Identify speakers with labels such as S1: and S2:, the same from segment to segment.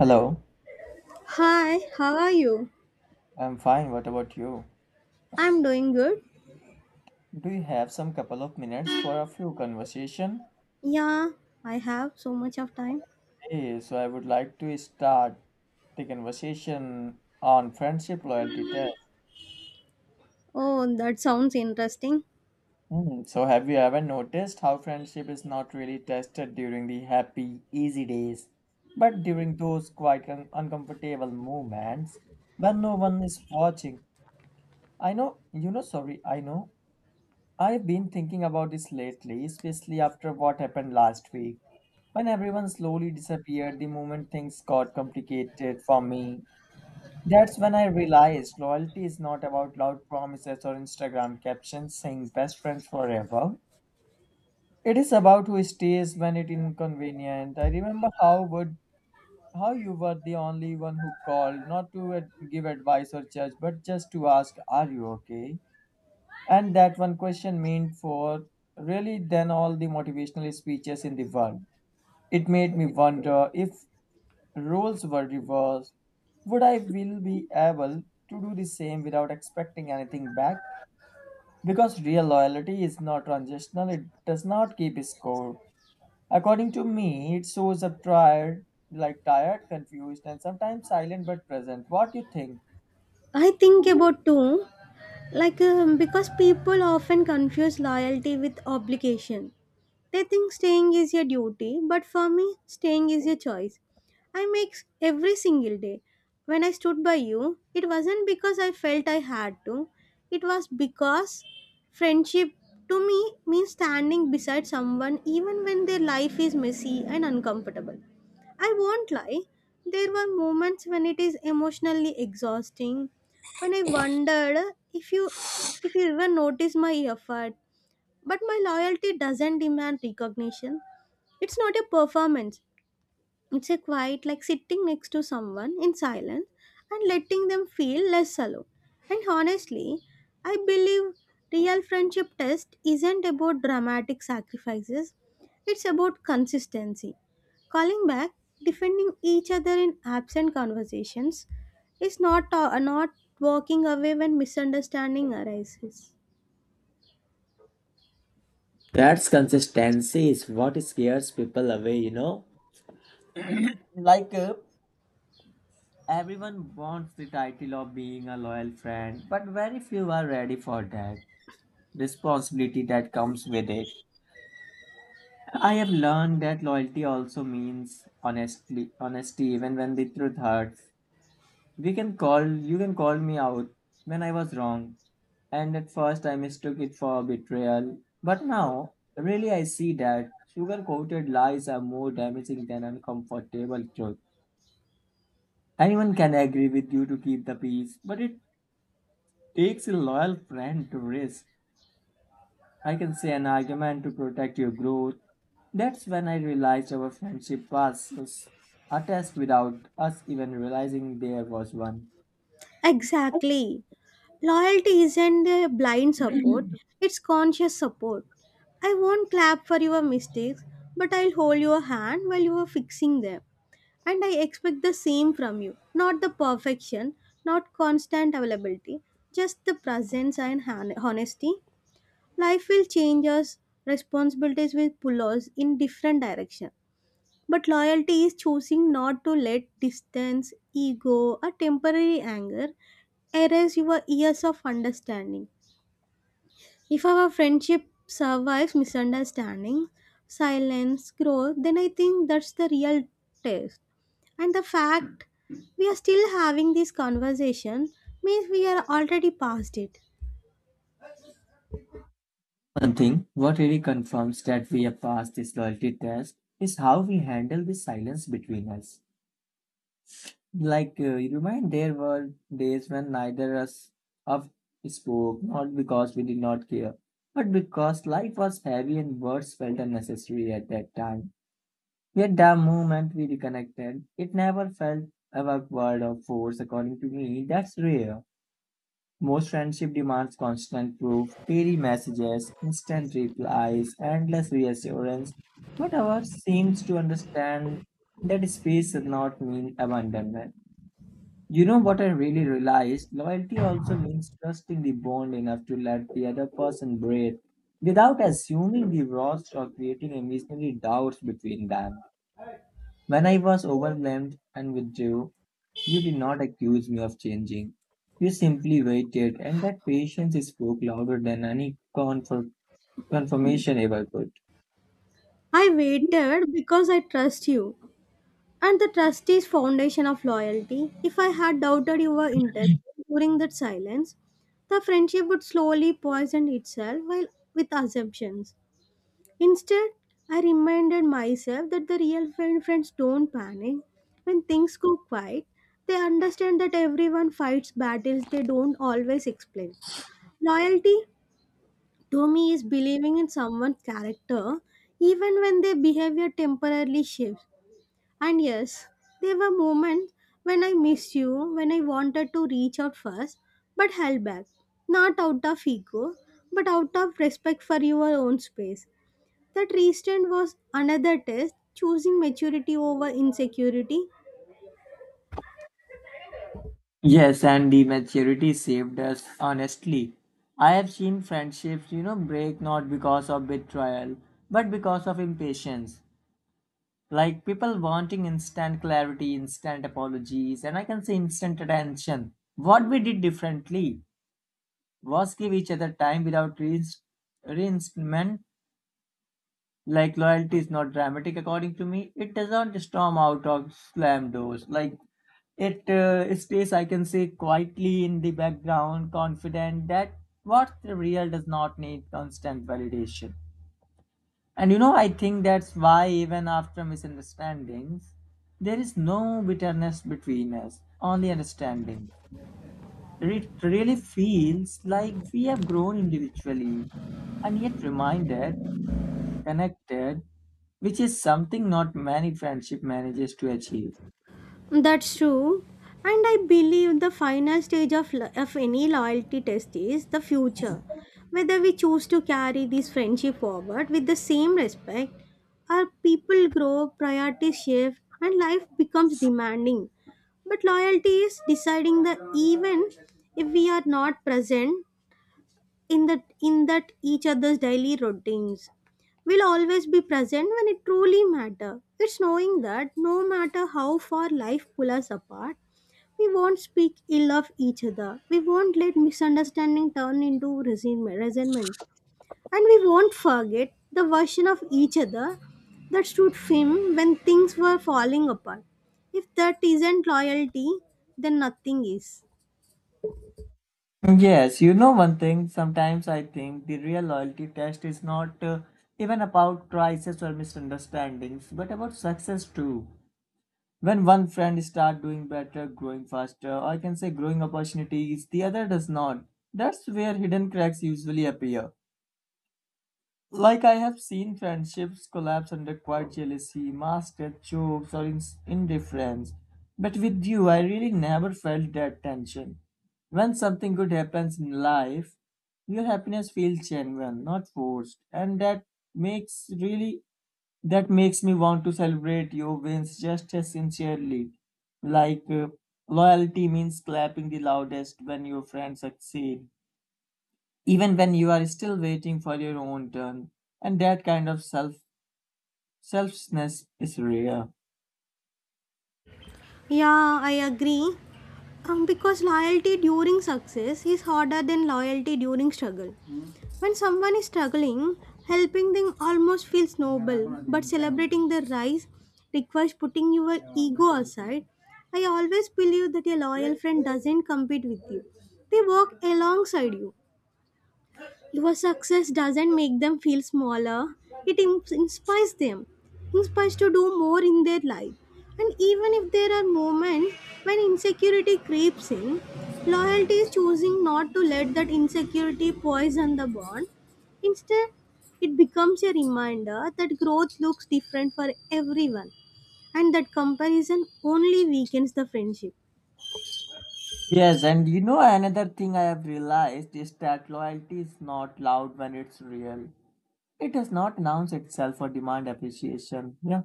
S1: Hello,
S2: Hi, how are you?
S1: I'm fine. What about you?
S2: I'm doing good.
S1: Do you have some couple of minutes for a few conversation?
S2: Yeah, I have so much of time.
S1: Hey, so I would like to start the conversation on friendship loyalty test.
S2: Oh, that sounds interesting.
S1: Hmm, so have you ever noticed how friendship is not really tested during the happy, easy days, but during those quite uncomfortable moments when no one is watching? I know, you know, sorry, I know I've been thinking about this lately, especially after what happened last week, when everyone slowly disappeared the moment things got complicated for me. That's when I realized loyalty is not about loud promises or Instagram captions saying best friends forever. It is about who stays when it's inconvenient. I remember how would How you were the only one who called, not to give advice or judge, but just to ask, "Are you okay?" And that one question meant for really than all the motivational speeches in the world. It made me wonder if roles were reversed, would I will be able to do the same without expecting anything back? Because real loyalty is not transitional, it does not keep score. According to me, it shows up tired, like tired, confused, and sometimes silent but present. What do you think?
S2: I think about too, like because people often confuse loyalty with obligation. They think staying is a duty, but for me, staying is a choice. I make every single day. When I stood by you, it wasn't because I felt I had to, it was because friendship to me means standing beside someone even when their life is messy and uncomfortable. I won't lie, there were moments when it is emotionally exhausting, when I wondered if you if you even noticed my effort, but my loyalty doesn't demand recognition. It's not a performance. It's a quiet, like sitting next to someone in silence and letting them feel less alone. And honestly, I believe real friendship test isn't about dramatic sacrifices. It's about consistency. Calling back, defending each other in absent conversations is not walking away when misunderstanding arises.
S1: That's consistency is what scares people away, you know? Like uh, Everyone wants the title of being a loyal friend, but very few are ready for that responsibility that comes with it. I have learned that loyalty also means honestly honesty even when the truth hurts. We can call you can call me out when I was wrong, and at first I mistook it for betrayal. But now really I see that sugar coated lies are more damaging than uncomfortable truth. Anyone can agree with you to keep the peace, but it takes a loyal friend to risk, I can say, an argument to protect your growth. That's when I realized our friendship was a test without us even realizing there was one.
S2: Exactly. Loyalty isn't a blind support, it's conscious support. I won't clap for your mistakes, but I'll hold your hand while you are fixing them. And I expect the same from you. Not the perfection, not constant availability, just the presence and honesty. Life will change us, responsibilities will pull us in different directions. But loyalty is choosing not to let distance, ego, or temporary anger erase your years of understanding. If our friendship survives misunderstanding, silence, growth, then I think that's the real test. And the fact we are still having this conversation means we are already past it.
S1: One thing, what really confirms that we have passed this loyalty test is how we handle the silence between us. You remind there were days when neither us of spoke, not because we did not care, but because life was heavy and words felt unnecessary at that time. Yet the moment we reconnected, it never felt awkward or forced. According to me, that's rare. Most friendship demands constant proof, daily messages, instant replies, endless reassurance. But ours seems to understand that space does not mean abandonment. You know what I really realized? Loyalty also means trusting the bond enough to let the other person breathe without assuming the worst or creating imaginary doubts between them. When I was overwhelmed and withdrew, you did not accuse me of changing. You simply waited, and that patience spoke louder than any comfort, confirmation ever could.
S2: I waited because I trust you. And the trust is foundation of loyalty. If I had doubted your intention during that silence, the friendship would slowly poison itself while with assumptions. Instead, I reminded myself that the real friends don't panic. When things go quiet, they understand that everyone fights battles they don't always explain. Loyalty to me is believing in someone's character even when their behavior temporarily shifts. And yes, there were moments when I missed you, when I wanted to reach out first, but held back. Not out of ego, but out of respect for your own space. That restraint was another test, choosing maturity over insecurity.
S1: Yes, and the maturity saved us, honestly. I have seen friendships, you know, break not because of betrayal, but because of impatience. Like people wanting instant clarity, instant apologies, and I can say instant attention. What we did differently was give each other time without reinstatement. Like loyalty is not dramatic, according to me. It does not storm out of slam doors. Like it stays, I can say, quietly in the background, confident that what the real does not need constant validation. And you know, I think that's why, even after misunderstandings, there is no bitterness between us, only understanding. It really feels like we have grown individually and yet reminded, connected, which is something not many friendship manages to achieve.
S2: That's true. And I believe the final stage of, of any loyalty test is the future. Whether we choose to carry this friendship forward with the same respect, our people grow, priorities shift, and life becomes demanding. But loyalty is deciding that even if we are not present in that in that each other's daily routines will always be present when it truly matter, it's knowing that no matter how far life pull us apart, we won't speak ill of each other, we won't let misunderstanding turn into resentment, and we won't forget the version of each other that stood firm when things were falling apart. If that isn't loyalty, then nothing is.
S1: Yes, you know one thing, sometimes I think the real loyalty test is not even about crisis or misunderstandings, but about success too. When one friend start doing better, growing faster, or I can say growing opportunities, the other does not. That's where hidden cracks usually appear. Like I have seen friendships collapse under quiet jealousy, masked jokes, or indifference. But with you, I really never felt that tension. When something good happens in life, your happiness feels genuine, not forced, and makes really that makes me want to celebrate your wins just as sincerely. Like uh, Loyalty means clapping the loudest when your friends succeed even when you are still waiting for your own turn, and that kind of selfishness is rare.
S2: Yeah, I agree. Because loyalty during success is harder than loyalty during struggle. When someone is struggling, helping them almost feels noble, but celebrating their rise requires putting your ego aside. I always believe that a loyal friend doesn't compete with you, they work alongside you. Your success doesn't make them feel smaller, it inspires them, inspires to do more in their life. And even if there are moments when insecurity creeps in, loyalty is choosing not to let that insecurity poison the bond. Instead, it becomes a reminder that growth looks different for everyone and that comparison only weakens the friendship.
S1: Yes, and you know another thing I have realized is that loyalty is not loud when it's real. It does not announce itself or demand appreciation. Yeah,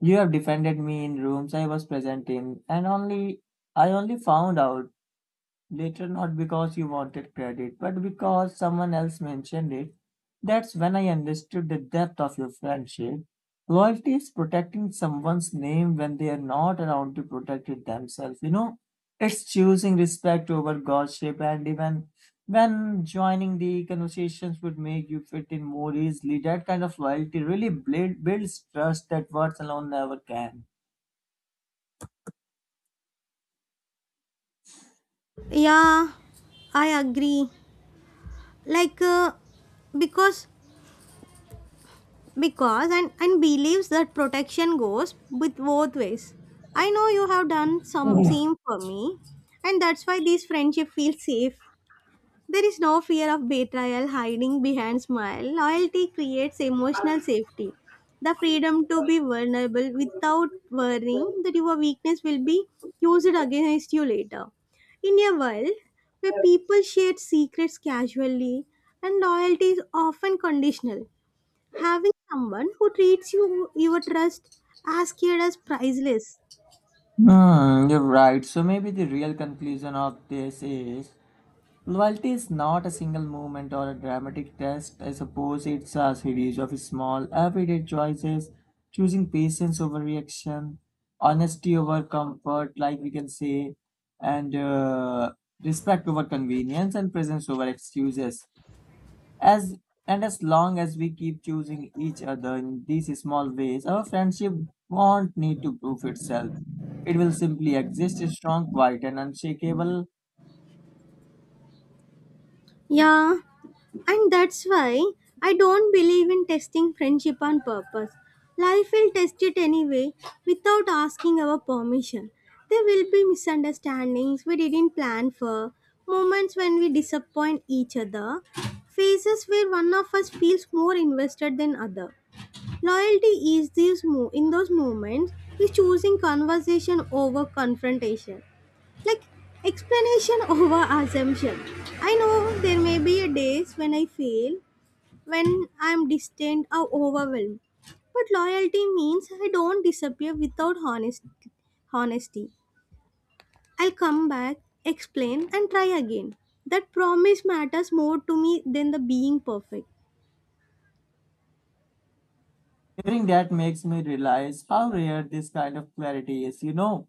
S1: you have defended me in rooms I was present in and only I only found out later, not because you wanted credit, but because someone else mentioned it. That's when I understood the depth of your friendship. Loyalty is protecting someone's name when they are not around to protect it themselves, you know? It's choosing respect over godship, and even when joining the conversations would make you fit in more easily, that kind of loyalty really builds trust that words alone never can.
S2: Yeah, I agree. Like, because because and believes that protection goes with both ways. I know you have done some
S1: Yeah.
S2: same for me, and that's why this friendship feels safe. There is no fear of betrayal hiding behind smile. Loyalty creates emotional safety, the freedom to be vulnerable without worrying that your weakness will be used against you later in a world where people share secrets casually and loyalty is often conditional. Having someone who treats you your trust as cared as priceless.
S1: Hmm, you're right. So maybe the real conclusion of this is, loyalty is not a single moment or a dramatic test. I suppose it's a series of small, everyday choices, choosing patience over reaction, honesty over comfort, like we can say, and respect over convenience and presence over excuses. As and as long as we keep choosing each other in these small ways, our friendship won't need to prove itself. It will simply exist strong, quiet, and unshakable.
S2: Yeah, and that's why I don't believe in testing friendship on purpose. Life will test it anyway without asking our permission. There will be misunderstandings we didn't plan for, moments when we disappoint each other, phases where one of us feels more invested than other. Loyalty is in those moments is choosing conversation over confrontation. Like explanation over assumption. I know there may be a days when I fail, when I'm distant or overwhelmed. But loyalty means I don't disappear without honesty. I'll come back, explain, and try again. That promise matters more to me than the being perfect.
S1: Hearing that makes me realize how rare this kind of clarity is. You know,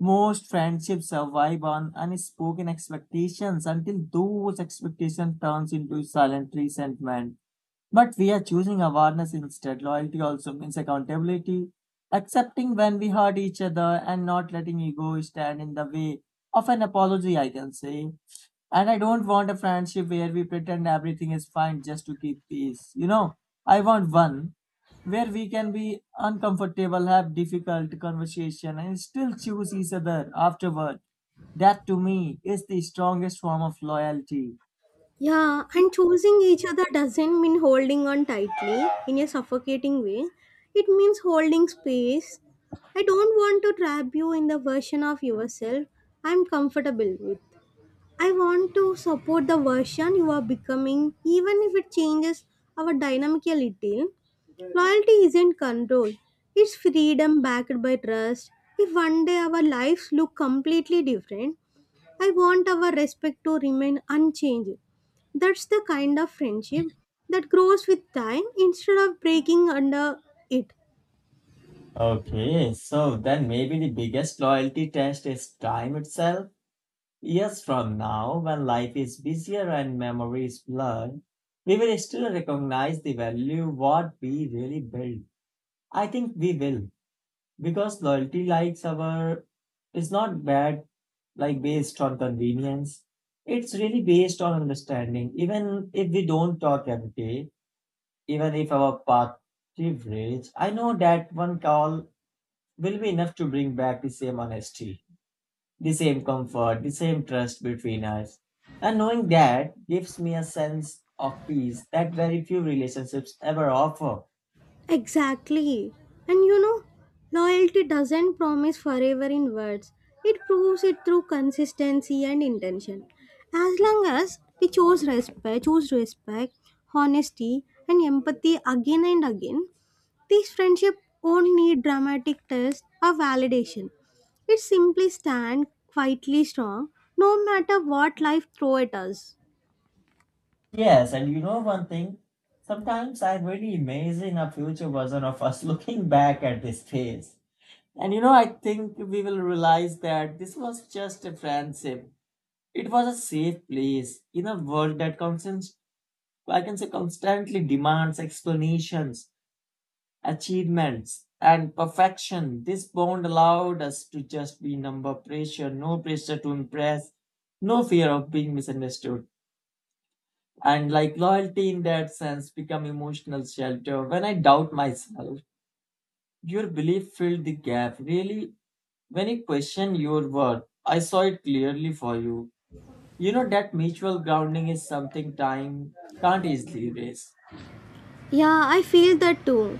S1: most friendships survive on unspoken expectations until those expectations turns into silent resentment. But we are choosing awareness instead. Loyalty also means accountability, accepting when we hurt each other and not letting ego stand in the way of an apology, I can say. And I don't want a friendship where we pretend everything is fine just to keep peace. You know, I want one where we can be uncomfortable, have difficult conversation, and still choose each other afterward. That to me is the strongest form of loyalty.
S2: Yeah, and choosing each other doesn't mean holding on tightly in a suffocating way. It means holding space. I don't want to trap you in the version of yourself I'm comfortable with. I want to support the version you are becoming, even if it changes our dynamic a little. Loyalty isn't control, it's freedom backed by trust. If one day our lives look completely different, I want our respect to remain unchanged. That's the kind of friendship that grows with time instead of breaking under it.
S1: Okay, so then maybe the biggest loyalty test is time itself. Years from now, when life is busier and memory is blurred, we will still recognize the value what we really build. I think we will. Because loyalty likes our is not bad like based on convenience. It's really based on understanding. Even if we don't talk every day, even if our path diverges, I know that one call will be enough to bring back the same honesty, the same comfort, the same trust between us, and knowing that gives me a sense of peace that very few relationships ever offer.
S2: Exactly. And you know, loyalty doesn't promise forever in words, it proves it through consistency and intention. As long as we choose respect, honesty, and empathy again and again, these friendship won't need dramatic tests or validation. It simply stand quietly strong no matter what life throw at us.
S1: Yes, and you know one thing? Sometimes I'm really amazing a future version of us looking back at this phase. And you know, I think we will realize that this was just a friendship. It was a safe place in a world that constant, I can say constantly demands explanations, achievements, and perfection. This bond allowed us to just be number pressure, no pressure to impress, no fear of being misunderstood, and like loyalty in that sense become emotional shelter. When I doubt myself, your belief filled the gap really. When you question your worth, I saw it clearly for you. You know, that mutual grounding is something time can't easily erase.
S2: Yeah, I feel that too.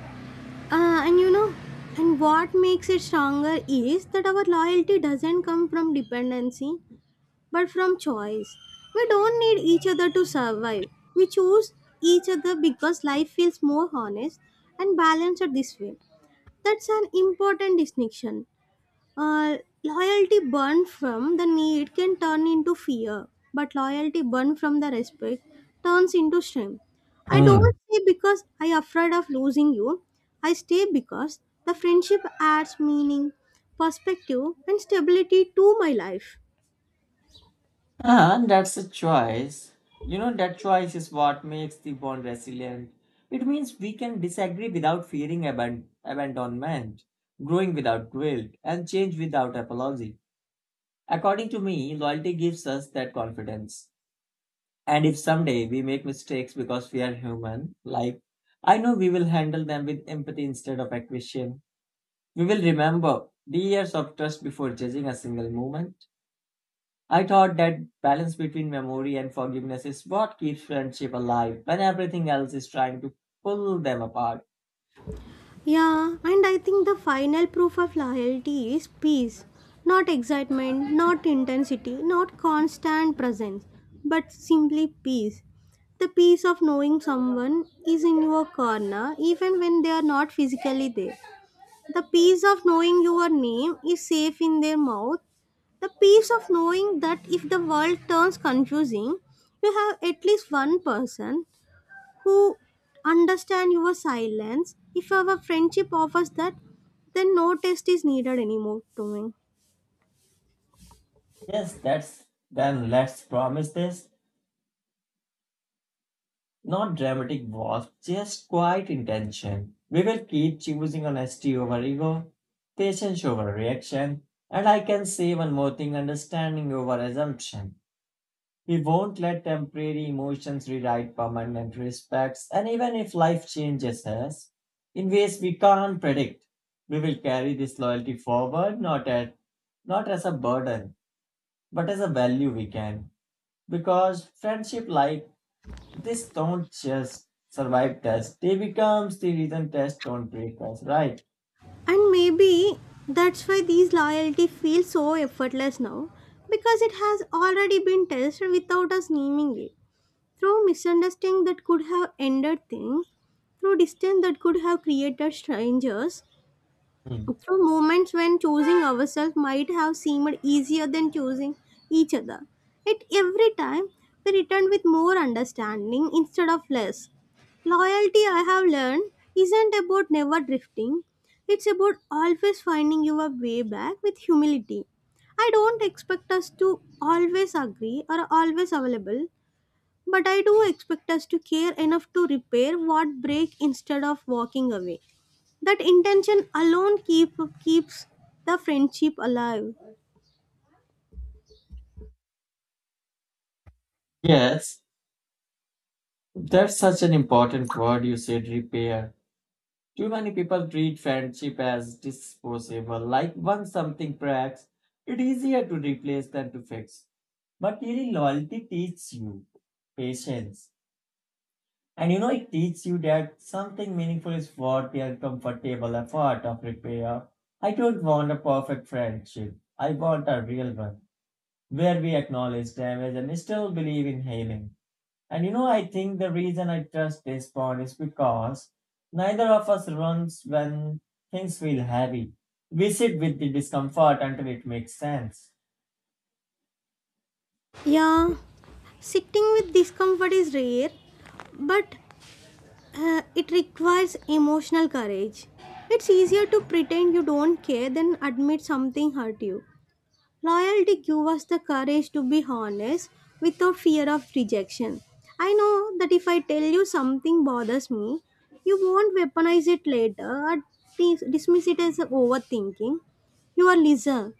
S2: And you know, and what makes it stronger is that our loyalty doesn't come from dependency, but from choice. We don't need each other to survive. We choose each other because life feels more honest and balanced this way. That's an important distinction. Loyalty born from the need can turn into fear, but loyalty born from the respect turns into shame. I don't stay because I afraid of losing you. I stay because the friendship adds meaning, perspective, and stability to my life.
S1: And that's a choice. You know, that choice is what makes the bond resilient. It means we can disagree without fearing abandonment, growing without guilt, and change without apology. According to me, loyalty gives us that confidence. And if someday we make mistakes because we are human, like I know we will handle them with empathy instead of acquisition. We will remember the years of trust before judging a single moment. I thought that balance between memory and forgiveness is what keeps friendship alive when everything else is trying to pull them apart.
S2: Yeah, and I think the final proof of loyalty is peace. Not excitement, not intensity, not constant presence, but simply peace. The peace of knowing someone is in your corner even when they are not physically there. The peace of knowing your name is safe in their mouth. The peace of knowing that if the world turns confusing, you have at least one person who understand your silence. If our friendship offers that, then no test is needed anymore to me.
S1: Yes, that's Then let's promise this. Not dramatic wasp, just quiet intention. We will keep choosing honesty over ego, patience over reaction, and I can say one more thing, understanding over assumption. We won't let temporary emotions rewrite permanent respects, and even if life changes us in ways we can't predict, we will carry this loyalty forward not as a burden, but as a value we can. Because friendship, like this, don't just survive tests. They becomes the reason tests don't break us, right?
S2: And maybe that's why these loyalty feels so effortless now, because it has already been tested without us naming it. Through misunderstanding that could have ended things, through distance that could have created strangers,
S1: Hmm.
S2: so moments when choosing ourselves might have seemed easier than choosing each other. Yet every time we return with more understanding instead of less. Loyalty, I have learned, isn't about never drifting. It's about always finding your way back with humility. I don't expect us to always agree or always available, but I do expect us to care enough to repair what break instead of walking away. That intention alone keeps the friendship alive.
S1: Yes, that's such an important word you said, repair. Too many people treat friendship as disposable, like once something cracks, it's easier to replace than to fix. But really, loyalty teaches you patience. And you know, it teaches you that something meaningful is worth the uncomfortable effort of repair. I don't want a perfect friendship. I want a real one, where we acknowledge damage and still believe in healing. And you know, I think the reason I trust this bond is because neither of us runs when things feel heavy. We sit with the discomfort until it makes sense.
S2: Yeah, sitting with discomfort is rare, but it requires emotional courage. It's easier to pretend you don't care than admit something hurt you. Loyalty gives us the courage to be honest without fear of rejection. I know that if I tell you something bothers me, you won't weaponize it later or dismiss it as overthinking. You are listener.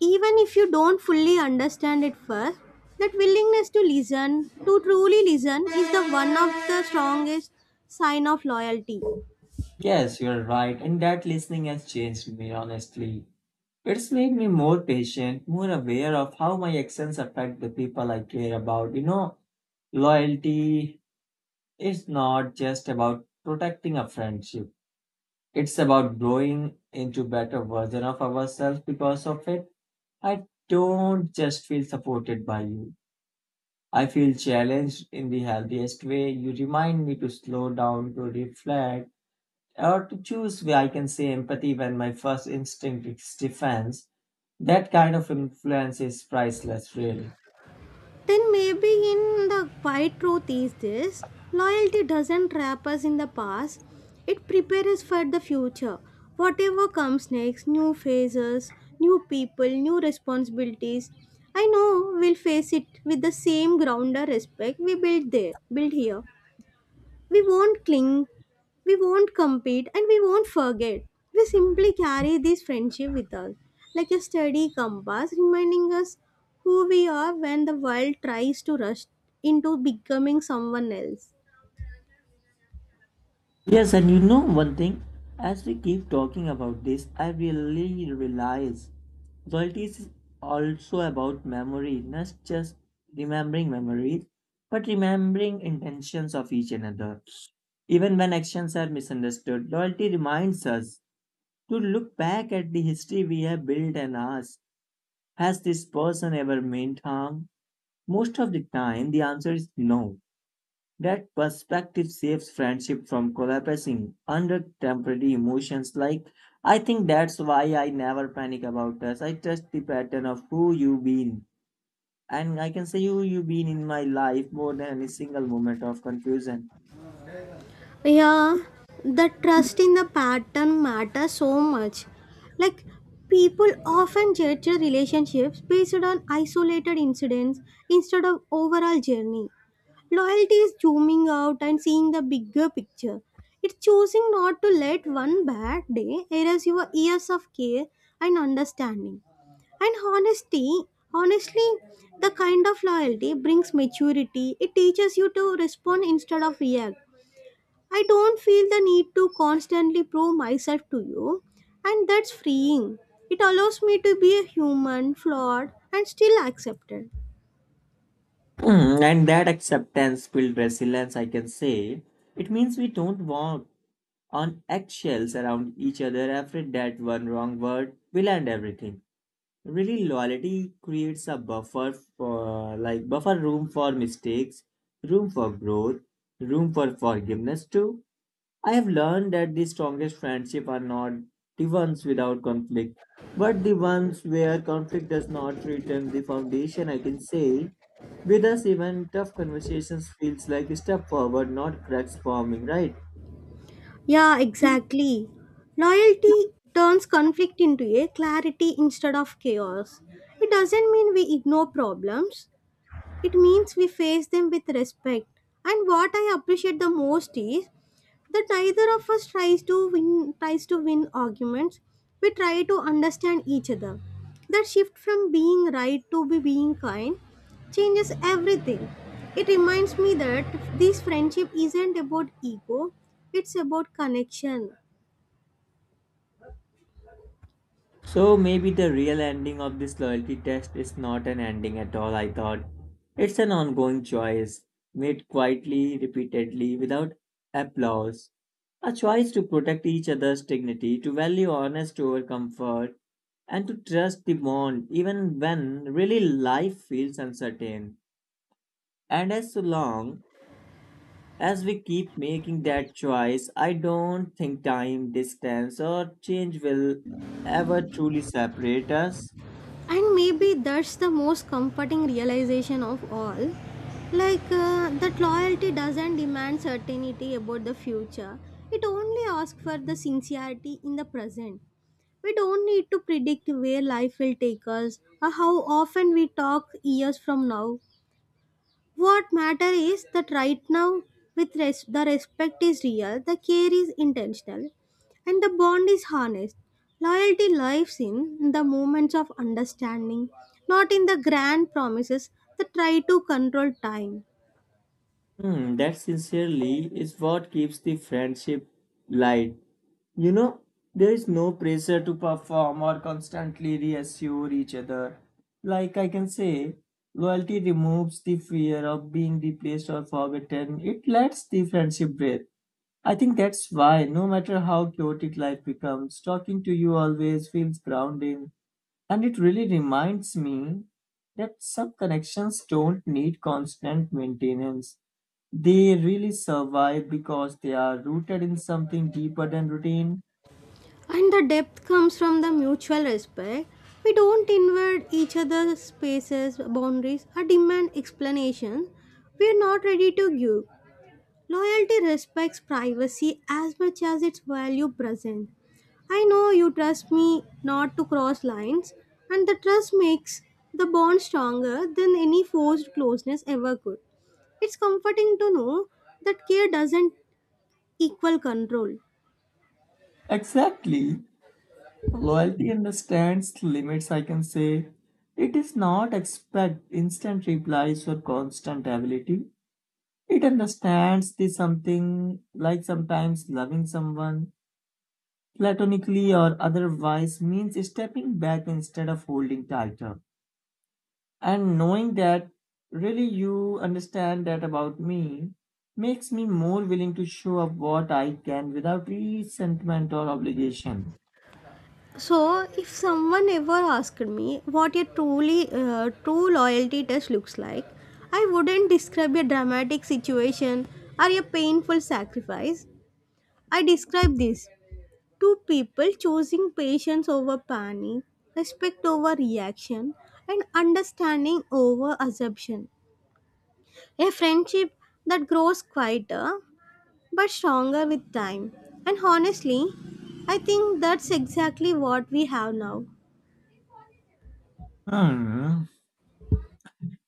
S2: Even if you don't fully understand it first, that willingness to listen, to truly listen, is the one of the strongest sign of loyalty.
S1: Yes, you're right, and that listening has changed me, honestly. It's made me more patient, more aware of how my actions affect the people I care about. You know, loyalty is not just about protecting a friendship. It's about growing into better version of ourselves because of it. I don't just feel supported by you. I feel challenged in the healthiest way. You remind me to slow down, to reflect, or to choose where I can say empathy when my first instinct is defense. That kind of influence is priceless, really.
S2: Then maybe in the quiet truth is this loyalty doesn't trap us in the past, it prepares us for the future. Whatever comes next, new phases, new people, new responsibilities, I know we'll face it with the same grounded respect we built here. We won't cling, we won't compete, and we won't forget. We simply carry this friendship with us, like a steady compass reminding us who we are when the world tries to rush into becoming someone else.
S1: Yes, and you know one thing, as we keep talking about this, I really realize loyalty is also about memory, not just remembering memories, but remembering intentions of each another. Even when actions are misunderstood, loyalty reminds us to look back at the history we have built and ask, has this person ever meant harm? Most of the time, the answer is no. That perspective saves friendship from collapsing under temporary emotions. Like, I think that's why I never panic about us. I trust the pattern of who you've been. And I can say who you've been in my life more than any single moment of confusion.
S2: Yeah, the trust in the pattern matters so much. Like, people often judge their relationships based on isolated incidents instead of overall journey. Loyalty is zooming out and seeing the bigger picture. It's choosing not to let one bad day erase your years of care and understanding and honesty honestly, the kind of loyalty brings maturity. It teaches you to respond instead of react. I don't feel the need to constantly prove myself to you, and that's freeing. It allows me to be a human, flawed, and still accepted.
S1: Mm, and that acceptance builds resilience, I can say. It means we don't walk on eggshells around each other, afraid that one wrong word will end everything. Really, loyalty creates a buffer for like buffer room for mistakes, room for growth, room for forgiveness too. I have learned that the strongest friendship are not the ones without conflict, but the ones where conflict does not threaten the foundation. I can say with us, even tough conversations feels like a step forward, not cracks forming. Right?
S2: Yeah, exactly. Loyalty turns conflict into a clarity instead of chaos. It doesn't mean we ignore problems, it means we face them with respect. And what I appreciate the most is that neither of us tries to win arguments. We try to understand each other. That shift from being right to be being kind changes everything. It reminds me that this friendship isn't about ego, it's about connection.
S1: So maybe the real ending of this loyalty test is not an ending at all, I thought. It's an ongoing choice, made quietly, repeatedly, without applause. A choice to protect each other's dignity, to value honest over comfort, and to trust the bond even when really life feels uncertain. And as so long as we keep making that choice, I don't think time, distance, or change will ever truly separate us.
S2: And maybe that's the most comforting realization of all. Like, that loyalty doesn't demand certainty about the future, it only asks for the sincerity in the present. We don't need to predict where life will take us or how often we talk years from now. What matters is that right now, with the respect is real, the care is intentional, and the bond is honest. Loyalty lives in the moments of understanding, not in the grand promises that try to control time.
S1: Hmm, that sincerely is what keeps the friendship light. You know, there is no pressure to perform or constantly reassure each other. Like I can say, loyalty removes the fear of being replaced or forgotten. It lets the friendship breathe. I think that's why, no matter how chaotic life becomes, talking to you always feels grounding. And it really reminds me that some connections don't need constant maintenance. They really survive because they are rooted in something deeper than routine.
S2: And the depth comes from the mutual respect. We don't invade each other's spaces, boundaries, or demand explanations we are not ready to give. Loyalty respects privacy as much as its value present. I know you trust me not to cross lines, and the trust makes the bond stronger than any forced closeness ever could. It's comforting to know that care doesn't equal control.
S1: Exactly. Loyalty understands limits, I can say. It does not expect instant replies or constant ability. It understands the something like sometimes loving someone, platonically or otherwise, means stepping back instead of holding tighter. And knowing that really you understand that about me makes me more willing to show up what I can without resentment or obligation.
S2: So, if someone ever asked me what a truly true loyalty test looks like, I wouldn't describe a dramatic situation or a painful sacrifice. I describe this two people choosing patience over panic, respect over reaction, and understanding over assumption. A friendship that grows quieter but stronger with time. And honestly, I think that's exactly what we have now.
S1: Hmm.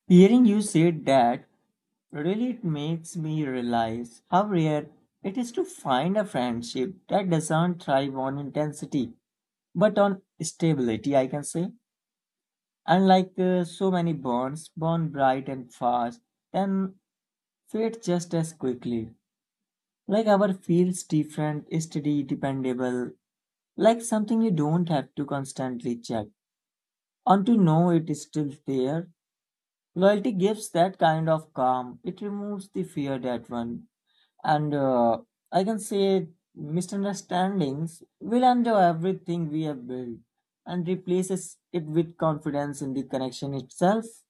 S1: Hearing you say that really it makes me realize how rare it is to find a friendship that doesn't thrive on intensity but on stability, I can say. Unlike so many bonds, born bright and fast, then fade just as quickly. Like our feels different, steady, dependable, like something you don't have to constantly check. On to know it is still there. Loyalty gives that kind of calm. It removes the fear that one. And I can say misunderstandings will undo everything we have built and replaces it with confidence in the connection itself.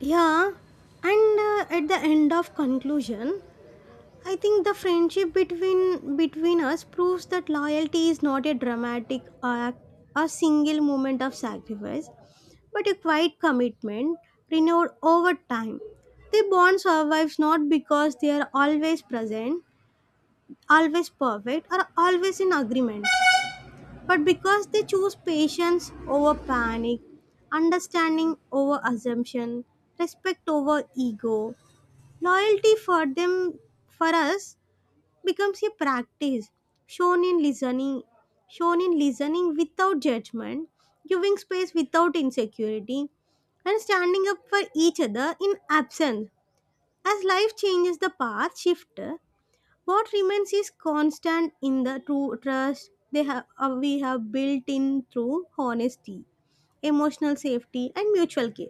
S2: Yeah, and at the end of conclusion, I think the friendship between us proves that loyalty is not a dramatic act, a single moment of sacrifice, but a quiet commitment renewed over time. The bond survives not because they are always present, always perfect, or always in agreement, but because they choose patience over panic, understanding over assumption, respect over ego. Loyalty for them, for us, becomes a practice shown in listening without judgment, giving space without insecurity, and standing up for each other in absence. As life changes, the path shift. What remains is constant in the true trust they have we have built in through honesty, emotional safety, and mutual care.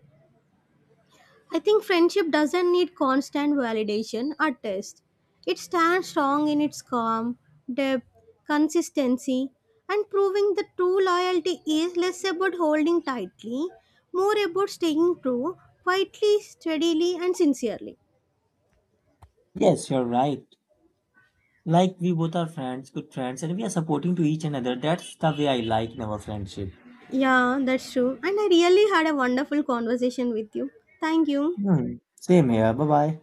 S2: I think friendship doesn't need constant validation or test. It stands strong in its calm, depth, consistency, and proving that true loyalty is less about holding tightly, more about staying true, quietly, steadily, and sincerely.
S1: Yes, you're right. Like we both are friends, good friends, and we are supporting to each another. That's the way I like in our friendship.
S2: Yeah, that's true. And I really had a wonderful conversation with you. Thank you.
S1: Hmm. Same here. Bye bye.